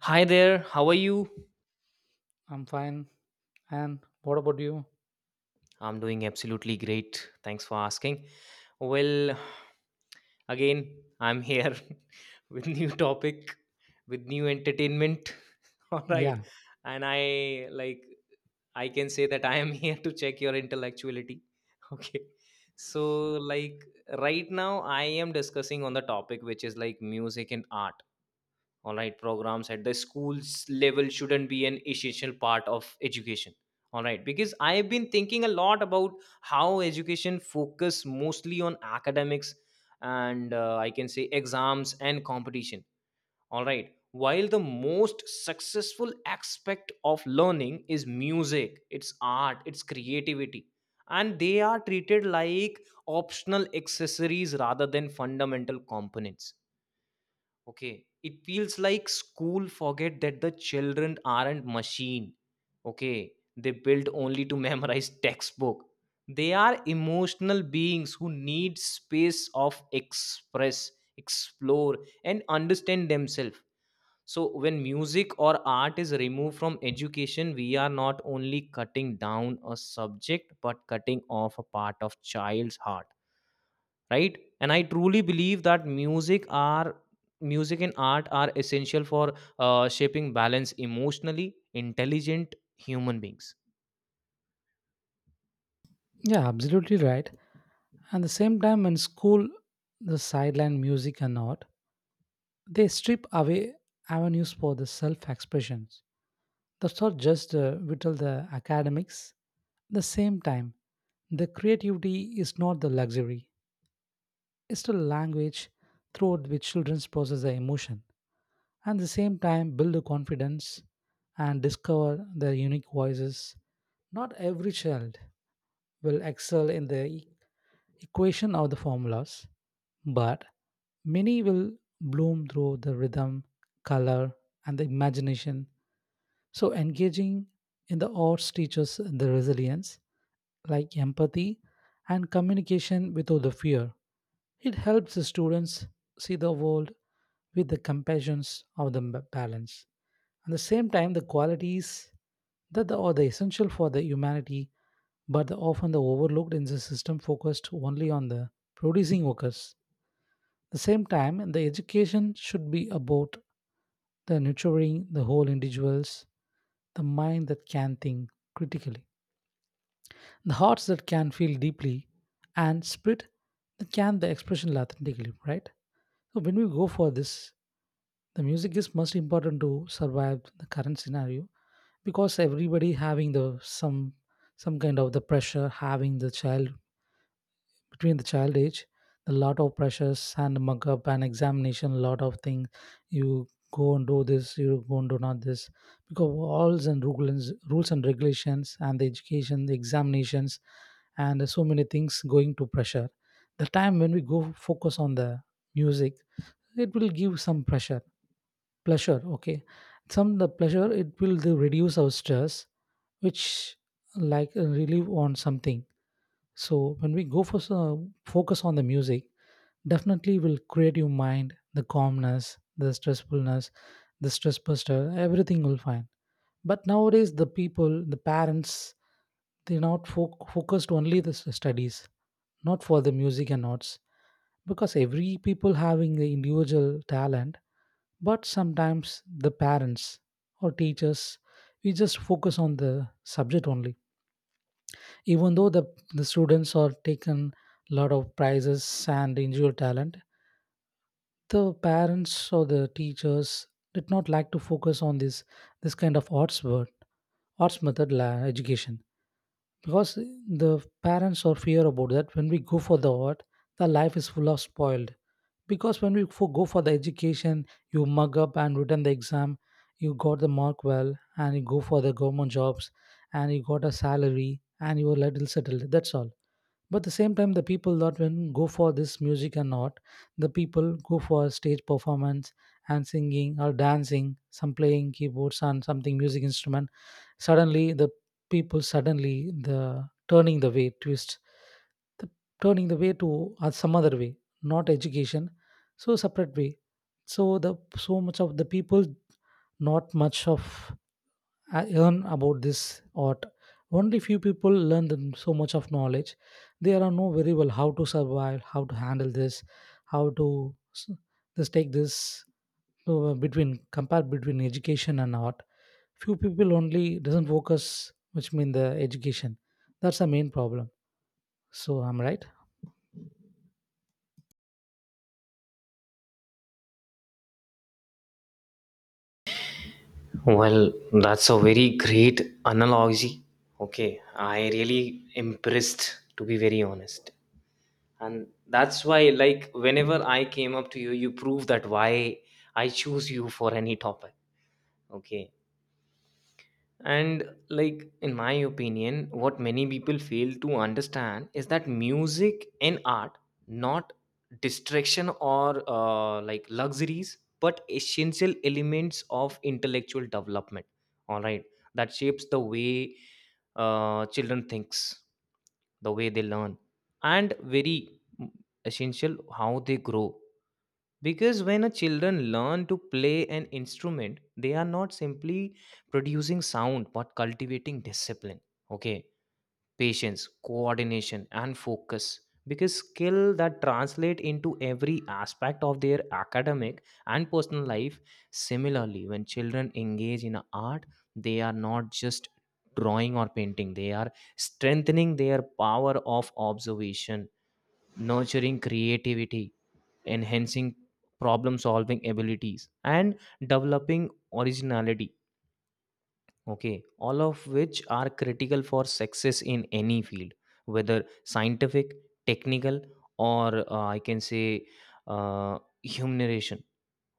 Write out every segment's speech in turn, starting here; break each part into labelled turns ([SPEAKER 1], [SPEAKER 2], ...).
[SPEAKER 1] Hi there, how are you?
[SPEAKER 2] I'm fine. And what about you?
[SPEAKER 1] I'm doing absolutely great. Thanks for asking. Well, again, I'm here with new topic, with new entertainment. All right.
[SPEAKER 2] Yeah,
[SPEAKER 1] And I can say that I am here to check your intellectuality. Okay. So, like, right now I am discussing on the topic, which is like music and art. All right, programs at the schools level shouldn't be an essential part of education. All right, because I have been thinking a lot about how education focus mostly on academics and I can say exams and competition. All right, while the most successful aspect of learning is music, it's art, it's creativity, and they are treated like optional accessories rather than fundamental components. Okay. It feels like school forget that the children aren't machine. Okay. They built only to memorize textbook. They are emotional beings who need space of express, explore and understand themselves. So, when music or art is removed from education, we are not only cutting down a subject but cutting off a part of child's heart, right? And I truly believe that music and art are essential for shaping balance emotionally intelligent human beings.
[SPEAKER 2] yeah, absolutely right. And the same time, in school, the sideline music and art, they strip away avenues for the self expressions. That's not just whittle the academics. The same time, the creativity is not the luxury. It's the language through which children process their emotion. And the same time, build the confidence and discover their unique voices. Not every child will excel in the equation of the formulas, but many will bloom through the rhythm, color, and the imagination. So, engaging in the arts teaches the resilience, like empathy and communication without the fear. It helps the students see the world with the compassions of the balance. At the same time, the qualities that are the essential for the humanity but often the overlooked in the system focused only on the producing workers. At the same time, the education should be about the nurturing the whole individuals, the mind that can think critically, the hearts that can feel deeply, and spirit that can the expression authentically, right? So when we go for this, the music is most important to survive the current scenario because everybody having the some kind of the pressure having the child between the child age a lot of pressures and mug up and examination lot of things, you go and do this, you go and do not this, because walls and rules and regulations and the education the examinations and so many things going to pressure the time when we go focus on the music, it will give some pressure pleasure, okay, some the pleasure, it will do reduce our stress, which like relieve on something. So when we go for some focus on the music, definitely will create your mind the calmness, the stressfulness, the stress buster, everything will find. But nowadays the people, the parents, they're not focused only the studies, not for the music and notes, because every people having the individual talent, but sometimes the parents or teachers, we just focus on the subject only, even though the students are taken lot of prizes and individual talent, the parents or the teachers did not like to focus on this this kind of arts word, arts method education, because the parents are fear about that when we go for the art, the life is full of spoiled. Because when we go for the education, you mug up and written the exam, you got the mark well and you go for the government jobs, and you got a salary and you are little settled, that's all. But at the same time the people that when go for this music and art, the people go for stage performance and singing or dancing, some playing keyboards and something music instrument, suddenly the people suddenly the turning the way twist, the turning the way to some other way, not education, so separate way. So the so much of the people, not much of I learn about this art. Only few people learn them so much of knowledge. They are know very well how to survive, how to handle this, how to s- just take this between compare between education and art. Few people only doesn't focus, which mean the education. That's the main problem. So I'm right.
[SPEAKER 1] Well, that's a very great analogy. Okay, I really impressed to be very honest. And that's why, like, whenever I came up to you, you prove that why I choose you for any topic. Okay. And, like, in my opinion, what many people fail to understand is that music and art not distraction or like luxuries but essential elements of intellectual development. All right, that shapes the way children thinks, the way they learn, and very mm, essential how they grow. Because when a children learn to play an instrument, they are not simply producing sound but cultivating discipline. Okay, patience, coordination, and focus. Because skill that translate into every aspect of their academic and personal life. Similarly, when children engage in art, they are not just drawing or painting, they are strengthening their power of observation, nurturing creativity, enhancing problem solving abilities, and developing originality. Okay, all of which are critical for success in any field, whether scientific, technical, or I can say humanitarian.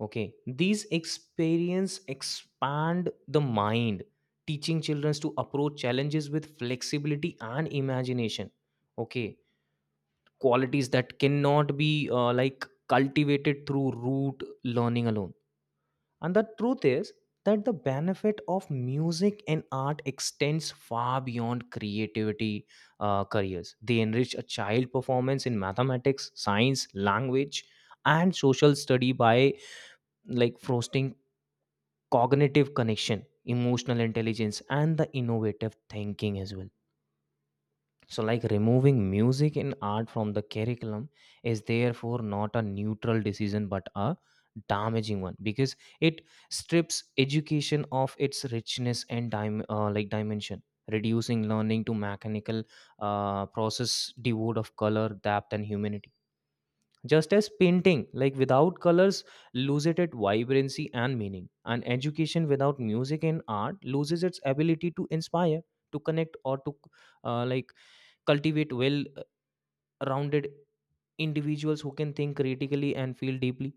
[SPEAKER 1] Okay, these experience expand the mind, teaching children to approach challenges with flexibility and imagination. Okay, qualities that cannot be like cultivated through rote learning alone. And the truth is that the benefit of music and art extends far beyond creativity careers. They enrich a child performance in mathematics, science, language, and social study by, like, fostering cognitive connection, emotional intelligence, and the innovative thinking as well. So, like, removing music in art from the curriculum is therefore not a neutral decision but a damaging one because it strips education of its richness and like dimension, reducing learning to mechanical process devoid of color, depth, and humanity. Just as painting, like without colors, loses its vibrancy and meaning, and education without music and art loses its ability to inspire, to connect, or to like cultivate well, rounded individuals who can think critically and feel deeply.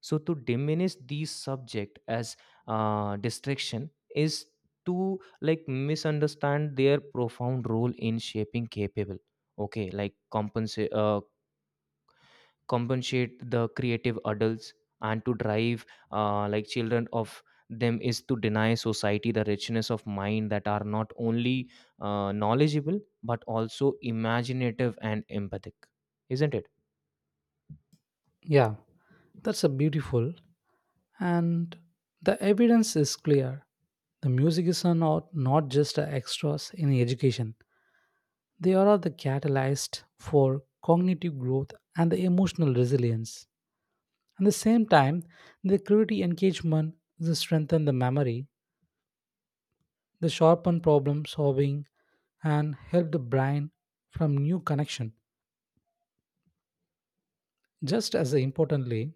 [SPEAKER 1] So to diminish these subject as distraction is to, like, misunderstand their profound role in shaping capable, okay, like compensate the creative adults, and to drive like children of them is to deny society the richness of mind that are not only knowledgeable but also imaginative and empathic, isn't it?
[SPEAKER 2] Yeah, that's a beautiful, and the evidence is clear. The music is not just a extras in education. They are the catalyst for cognitive growth and the emotional resilience. At the same time, the creativity engagement, they strengthen the memory, they sharpen problem solving, and help the brain from new connection. Just as importantly,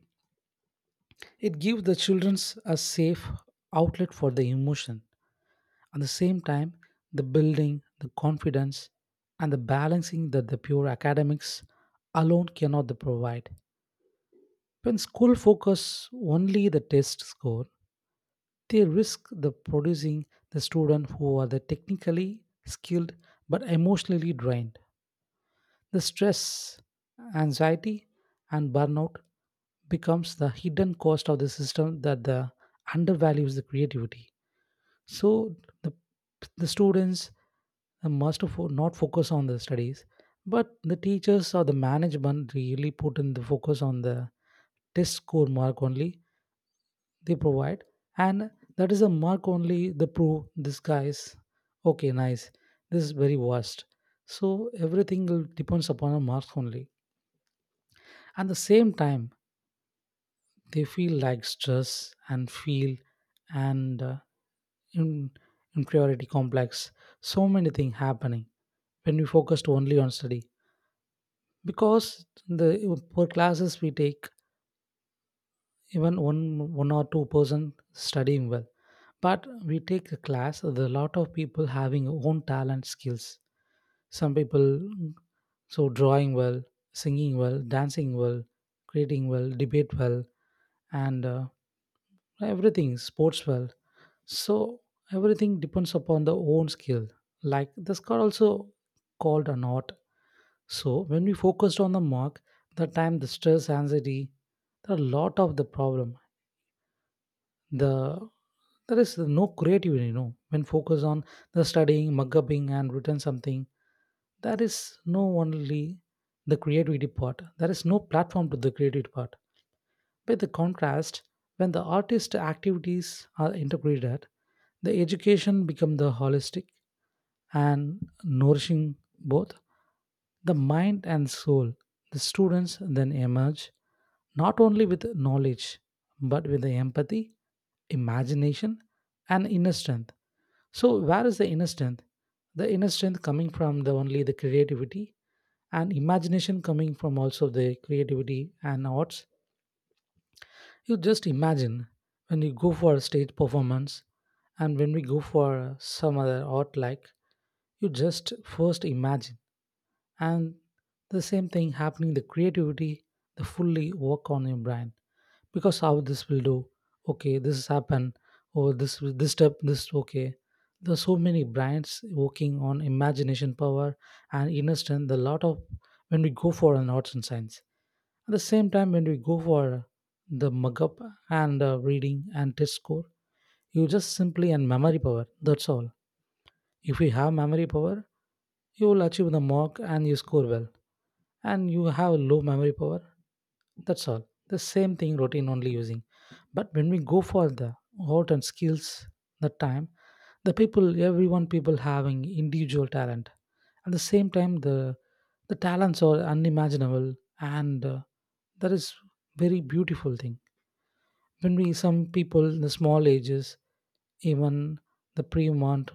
[SPEAKER 2] it gives the children a safe outlet for the emotion. At the same time, the building, the confidence, and the balancing that the pure academics alone cannot provide. When school focus only the test score, they risk the producing the student who are the technically skilled but emotionally drained. The stress, anxiety, and burnout becomes the hidden cost of the system that the undervalues the creativity. So the the students must not focus on the studies, but the teachers or the management really put in the focus on the test score mark only they provide, and that is a mark only the proof this guy is okay nice, this is very worst. So everything will depends upon a mark only. At the same time they feel like stress and feel, and in, inferiority complex, so many things happening when we focused only on study, because the per classes we take, even one or two-person studying well. But we take a class, there are a lot of people having own talent skills. Some people so drawing well, singing well, dancing well, creating well, debate well, and everything sports well. So everything depends upon the own skill. Like the score also called an art. So when we focused on the mark, the time the stress, anxiety, there are a lot of the problem, the there is no creativity, you know, when focus on the studying, mug upping and written something, there is no only the creativity part, there is no platform to the creativity part. By the contrast, when the artist activities are integrated, the education become the holistic and nourishing both the mind and soul. The students then emerge not only with knowledge but with the empathy, imagination, and inner strength. So, where is the inner strength? The inner strength coming from the only the creativity, and imagination coming from also the creativity and arts. You just imagine when you go for a stage performance, and when we go for some other art, like, you just first imagine, and the same thing happening the creativity, the fully work on your brain, because how this will do, okay, this has happened, or this step this, okay, there are so many brains working on imagination power and inner strength a lot of when we go for an arts and science. At the same time, when we go for the mug up and reading and test score, you just simply and memory power. That's all. If you have memory power, you will achieve the mark and you score well. And you have low memory power, that's all. The same thing routine only using. But when we go for the art and skills the time, the people everyone people having individual talent. At the same time the talents are unimaginable, and that is very beautiful thing, when we some people in the small ages, even the pre-mont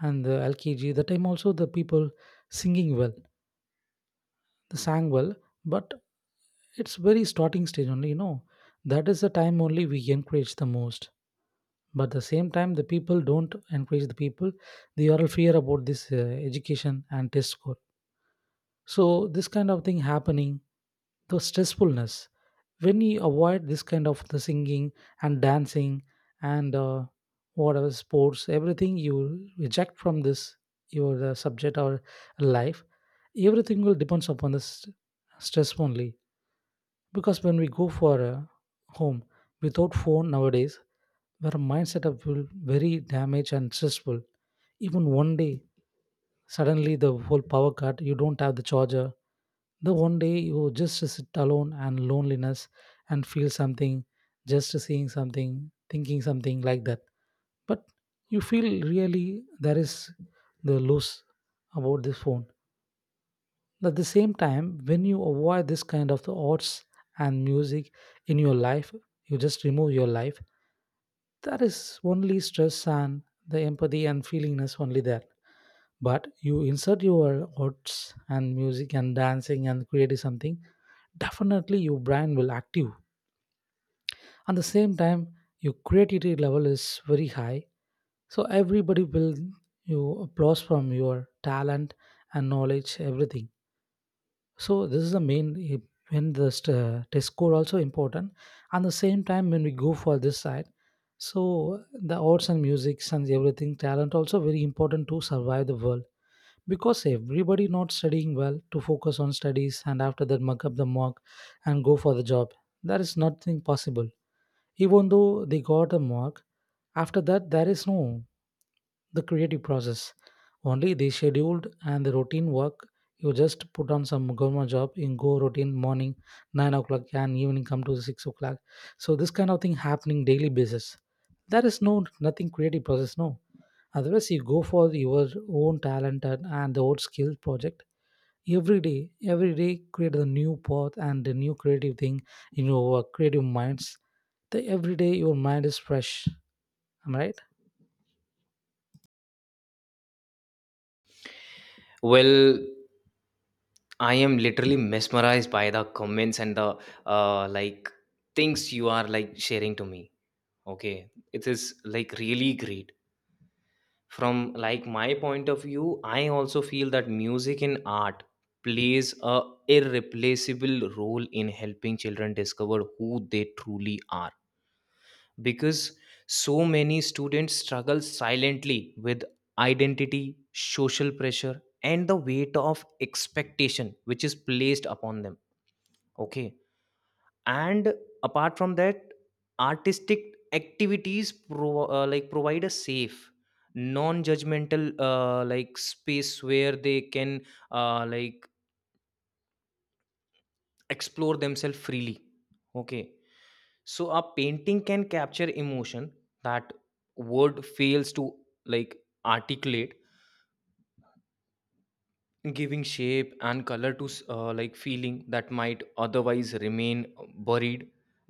[SPEAKER 2] and the lkg the time also the people singing well, the sang well, but it's very starting stage only, you know, that is the time only we encourage the most, but at the same time the people don't encourage the people, they are all fear about this education and test score. So this kind of thing happening, the stressfulness. When you avoid this kind of the singing and dancing and whatever sports, everything you reject from this your subject or life, everything will depends upon the stress only. Because when we go for home without phone nowadays, our mindset up will very damaged and stressful, even one day suddenly the whole power cut, you don't have the charger, the one day you just sit alone and loneliness and feel something, just seeing something, thinking something like that. But you feel really there is the loss about this phone. At the same time, when you avoid this kind of the arts and music in your life, you just remove your life. That is only stress and the empathy and feelingness only there, but you insert your arts and music and dancing and create something. Definitely your brain will active, at the same time your creativity level is very high, so everybody will you applause from your talent and knowledge everything. So this is the main when the test score also important, and the same time when we go for this side, so the arts and music and everything talent also very important to survive the world. Because everybody not studying well to focus on studies and after that mug up the mark and go for the job, there is nothing possible. Even though they got a mark, after that there is no the creative process, only they scheduled and the routine work. You just put on some government job in go routine morning 9 o'clock and evening come to 6 o'clock, so this kind of thing happening daily basis. There is no nothing creative process, no, otherwise you go for your own talent and the old skill project. Every day create a new path and a new creative thing in your creative minds, the every day your mind is fresh. Am I right?
[SPEAKER 1] Well, I am literally mesmerized by the comments and the like things you are, like, sharing to me. Okay, it is, like, really great. From, like, my point of view, I also feel that music and art plays a irreplaceable role in helping children discover who they truly are. Because so many students struggle silently with identity, social pressure and the weight of expectation which is placed upon them. Okay, and apart from that, artistic activities like provide a safe, non-judgmental like space where they can like explore themselves freely. Okay, so a painting can capture emotion that word fails to, like, articulate, giving shape and color to like feeling that might otherwise remain buried,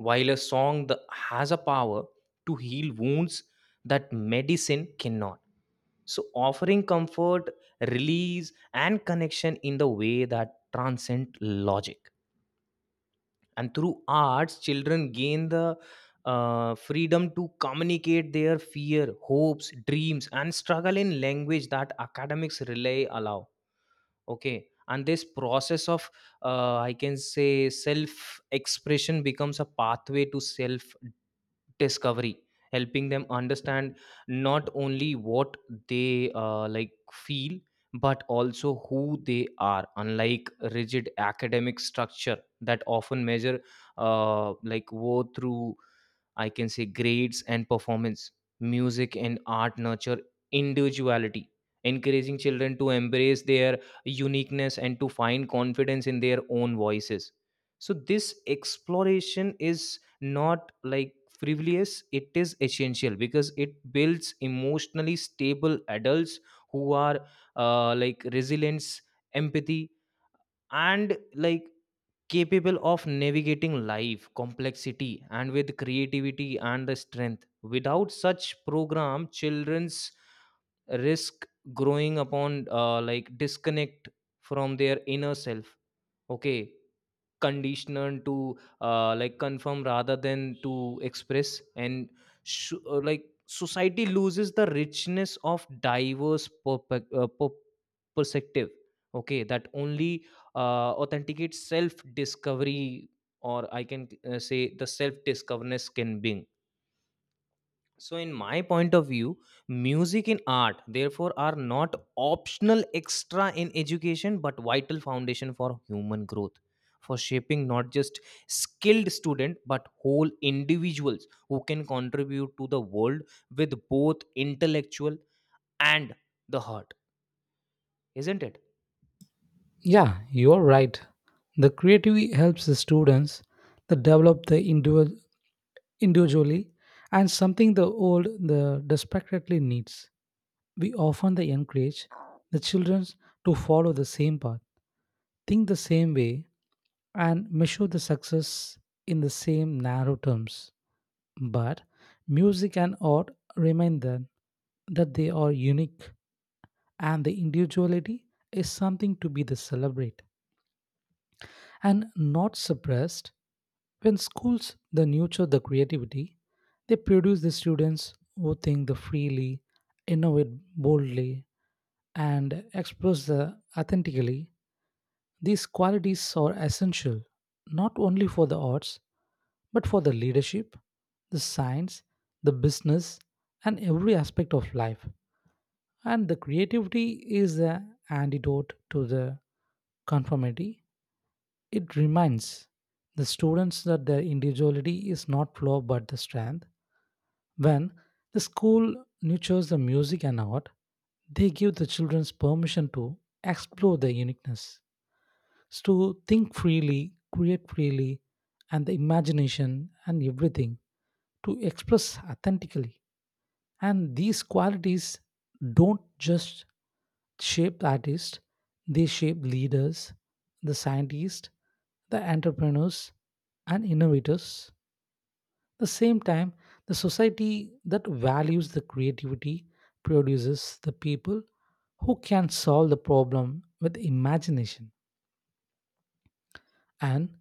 [SPEAKER 1] while a song that has a power to heal wounds that medicine cannot. So, offering comfort, release and connection in the way that transcend logic. And through arts, children gain the freedom to communicate their fear, hopes, dreams and struggle in language that academics rely allow. Okay, and this process of, I can say, self expression becomes a pathway to self discovery, helping them understand not only what they like feel but also who they are, unlike rigid academic structure that often measure like worth through, I can say, grades and performance. Music and art nurture individuality, encouraging children to embrace their uniqueness and to find confidence in their own voices. So this exploration is not, like, frivolous. It is essential because it builds emotionally stable adults who are like resilience, empathy and, like, capable of navigating life complexity and with creativity and the strength. Without such program, children's risk growing upon like disconnect from their inner self. Okay, conditioned to like confirm rather than to express, and like society loses the richness of diverse perspective. Okay, that only authenticates self discovery, or I can say the self discoverness can bring. So, in my point of view, music and art, therefore, are not optional extra in education but vital foundation for human growth, for shaping not just skilled student but whole individuals who can contribute to the world with both intellectual and the heart, isn't it?
[SPEAKER 2] Yeah, you're right. The creativity helps the students to develop the individual individually, and something the old the desperately needs. We often the encourage the children to follow the same path, think the same way, and measure the success in the same narrow terms. But music and art remind them that they are unique, and the individuality is something to be the celebrate and not suppressed. When schools they nurture the creativity, they produce the students who think the freely, innovate boldly, and express the authentically. These qualities are essential not only for the arts, but for the leadership, the science, the business, and every aspect of life. And the creativity is the antidote to the conformity. It reminds the students that their individuality is not flaw but the strength. When the school nurtures the music and art, they give the children permission to explore their uniqueness is to think freely, create freely, and the imagination and everything to express authentically. And these qualities don't just shape the artist, they shape leaders, the scientists, the entrepreneurs, and innovators. The same time, the society that values the creativity produces the people who can solve the problem with imagination, and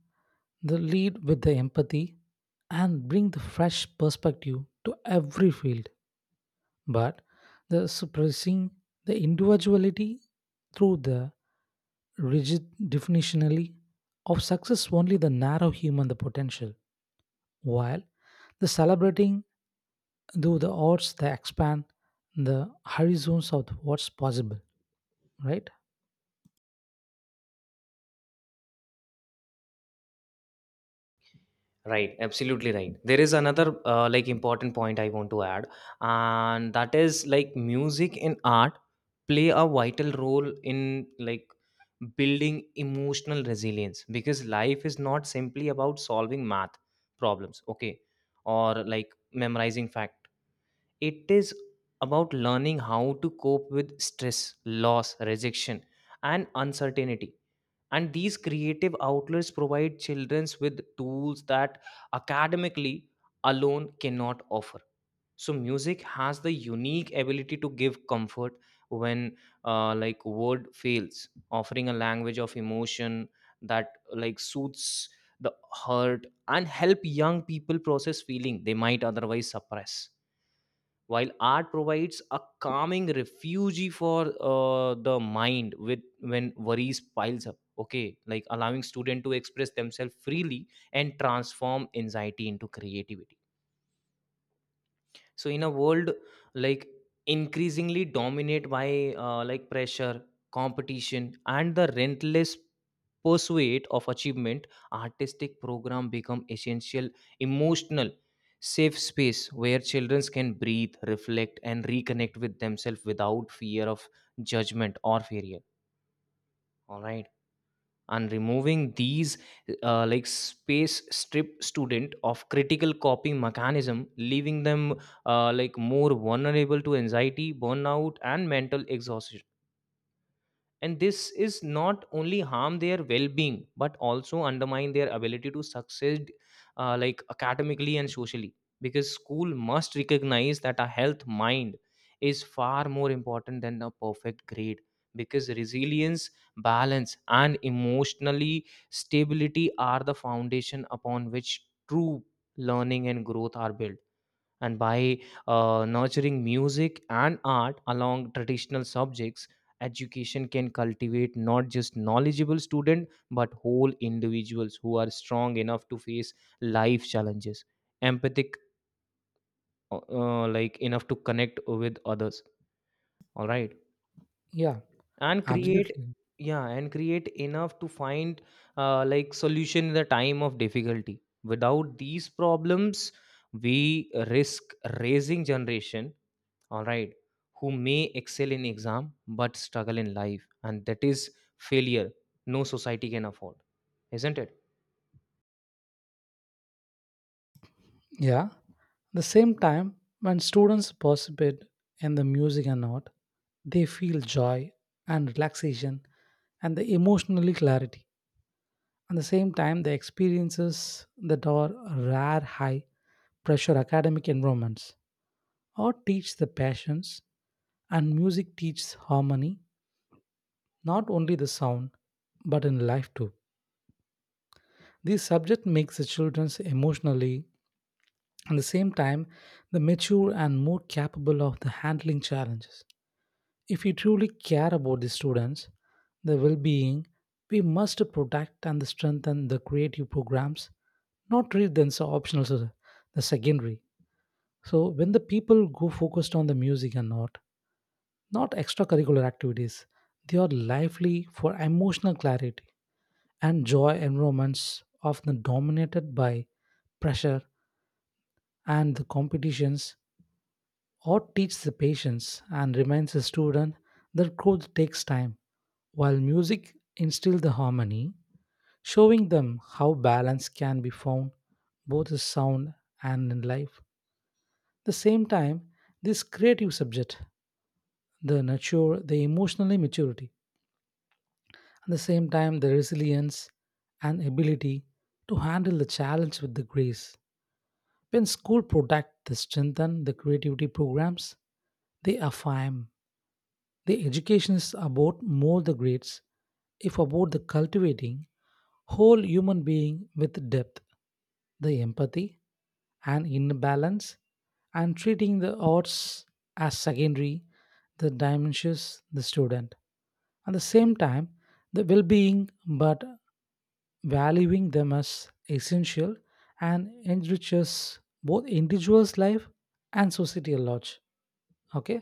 [SPEAKER 2] the lead with the empathy and bring the fresh perspective to every field. But the suppressing the individuality through the rigid definitionally of success only the narrow human the potential, while the celebrating though the odds they expand the horizons of what's possible, right?
[SPEAKER 1] Right, absolutely right. There is another like important point I want to add, and that is like music and art play a vital role in, like, building emotional resilience. Because life is not simply about solving math problems, okay, or like memorizing fact. It is about learning how to cope with stress, loss, rejection, and uncertainty. And these creative outlets provide children with tools that academically alone cannot offer. So music has the unique ability to give comfort when like word fails, offering a language of emotion that, like, suits the hurt and help young people process feeling they might otherwise suppress, while art provides a calming refuge for the mind with when worries piles up. Okay, like allowing student to express themselves freely and transform anxiety into creativity. So, in a world, like, increasingly dominate by like pressure, competition and the relentless pursuit of achievement, artistic program become essential emotional safe space where children can breathe, reflect and reconnect with themselves without fear of judgment or failure. All right, and removing these like space strip student of critical coping mechanism, leaving them like more vulnerable to anxiety, burnout and mental exhaustion. And this is not only harm their well-being but also undermine their ability to succeed like academically and socially. Because school must recognize that a health mind is far more important than a perfect grade. Because resilience, balance and emotionally stability are the foundation upon which true learning and growth are built. And by nurturing music and art along traditional subjects, education can cultivate not just knowledgeable students but whole individuals who are strong enough to face life challenges, empathic like enough to connect with others, all right,
[SPEAKER 2] Yeah,
[SPEAKER 1] and create.
[SPEAKER 2] absolutely.
[SPEAKER 1] Yeah, and create enough to find like solution in the time of difficulty. Without these problems, we risk raising generation, all right, who may excel in exam but struggle in life. And that is failure no society can afford, isn't it?
[SPEAKER 2] Yeah. At the same time, when students participate in the music and art, they feel joy and relaxation and the emotional clarity. At the same time, the experiences that are rare high pressure academic environments. Art teach the passions and music teaches harmony, not only the sound, but in life too. This subject makes the children emotionally, at the same time, the mature and more capable of the handling challenges. If we truly care about the students, their well being, we must protect and strengthen the creative programs, not treat them as optional, so the secondary. So, when the people go focused on the music and not extracurricular activities, they are lively for emotional clarity and joy environments often dominated by pressure and the competitions. Art teaches the patience and reminds the student that growth takes time, while music instills the harmony, showing them how balance can be found both in sound and in life. The same time, this creative subject, the nurture the emotional maturity, at the same time the resilience and ability to handle the challenge with the grace. When school protect the strengthen the creativity programs, they affirm the education is about more the grades, if about the cultivating whole human being with depth, the empathy and inner balance, and treating the odds as secondary, the dimensions the student. At the same time, the well-being, but valuing them as essential and enriches both individual's life and society at large. Okay.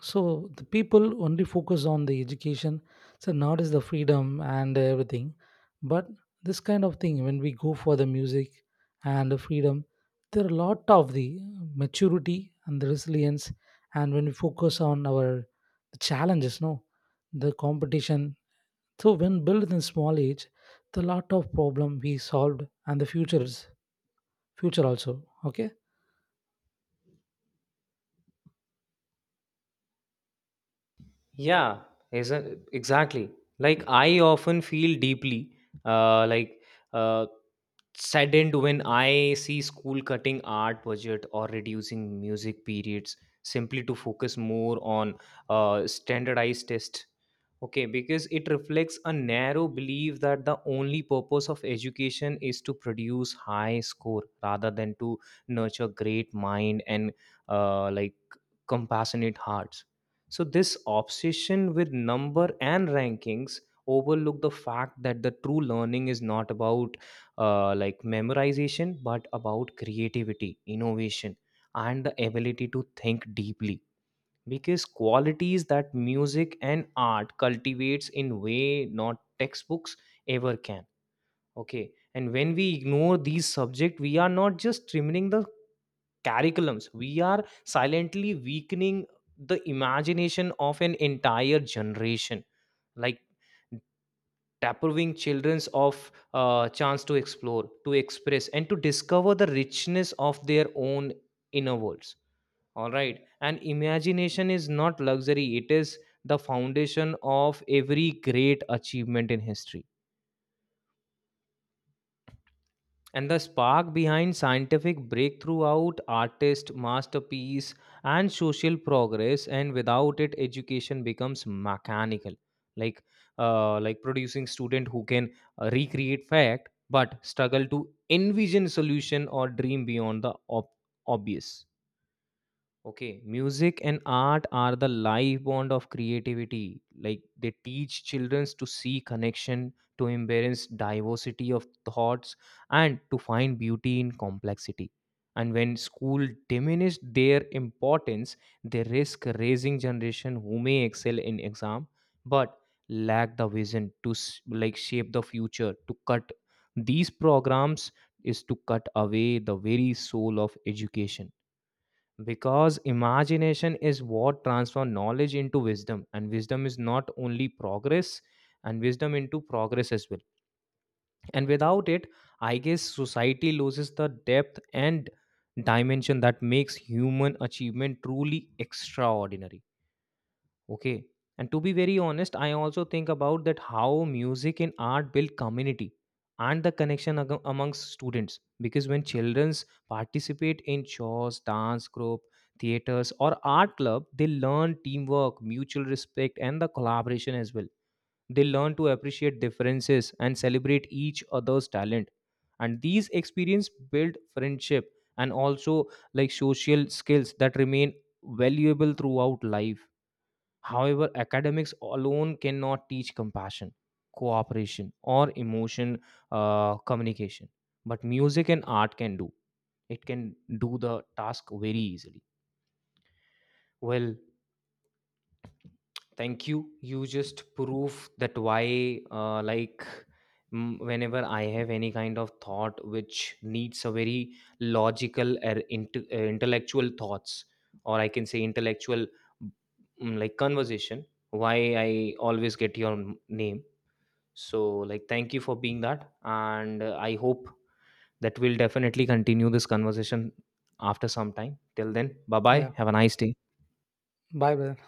[SPEAKER 2] So the people only focus on the education, so not is the freedom and everything. But this kind of thing, when we go for the music and the freedom, there are a lot of the maturity and the resilience. And when we focus on our challenges, no, the competition. So when built in small age, the lot of problem we solved and the futures, future also. Okay.
[SPEAKER 1] Yeah, exactly. Like, I often feel deeply, uh, like uh, saddened when I see school cutting art budget or reducing music periods simply to focus more on standardized tests. Okay, because it reflects a narrow belief that the only purpose of education is to produce high score rather than to nurture great mind and like compassionate hearts. So, this obsession with number and rankings overlook the fact that the true learning is not about like memorization, but about creativity, innovation, and the ability to think deeply. Because qualities that music and art cultivates in way not textbooks ever can. Okay, and when we ignore these subjects, we are not just trimming the curriculums, we are silently weakening the imagination of an entire generation, like depriving childrens of chance to explore, to express and to discover the richness of their own inner worlds. All right, and imagination is not luxury. It is the foundation of every great achievement in history. And the spark behind scientific breakthrough out artist masterpiece and social progress. And without it, education becomes mechanical, like like producing student who can recreate fact but struggle to envision solution or dream beyond the ob- obvious. Okay, music and art are the life bond of creativity. Like, they teach children to see connection, to embrace diversity of thoughts, and to find beauty in complexity. And when school diminish their importance, they risk raising generation who may excel in exam but lack the vision to like shape the future. To cut these programs is to cut away the very soul of education because imagination is what transforms knowledge into wisdom and wisdom is not only progress and wisdom into progress as well. And without it, I guess society loses the depth and dimension that makes human achievement truly extraordinary. Okay. And to be very honest, I also think about that how music and art build community and the connection amongst students. Because when children participate in shows, dance group, theaters, or art club, they learn teamwork, mutual respect, and the collaboration as well. They learn to appreciate differences and celebrate each other's talent. And these experience build friendship and also, like, social skills that remain valuable throughout life. However, academics alone cannot teach compassion, cooperation, or emotion communication. But music and art can do. It can do the task very easily. Well, thank you. You just prove that why, like, whenever I have any kind of thought which needs a very logical or intellectual thoughts, or I can say intellectual like conversation, why I always get your name. So, like, thank you for being that. And I hope that we'll definitely continue this conversation after some time. Till then, bye bye.
[SPEAKER 2] Yeah.
[SPEAKER 1] Have a nice day.
[SPEAKER 2] Bye, brother.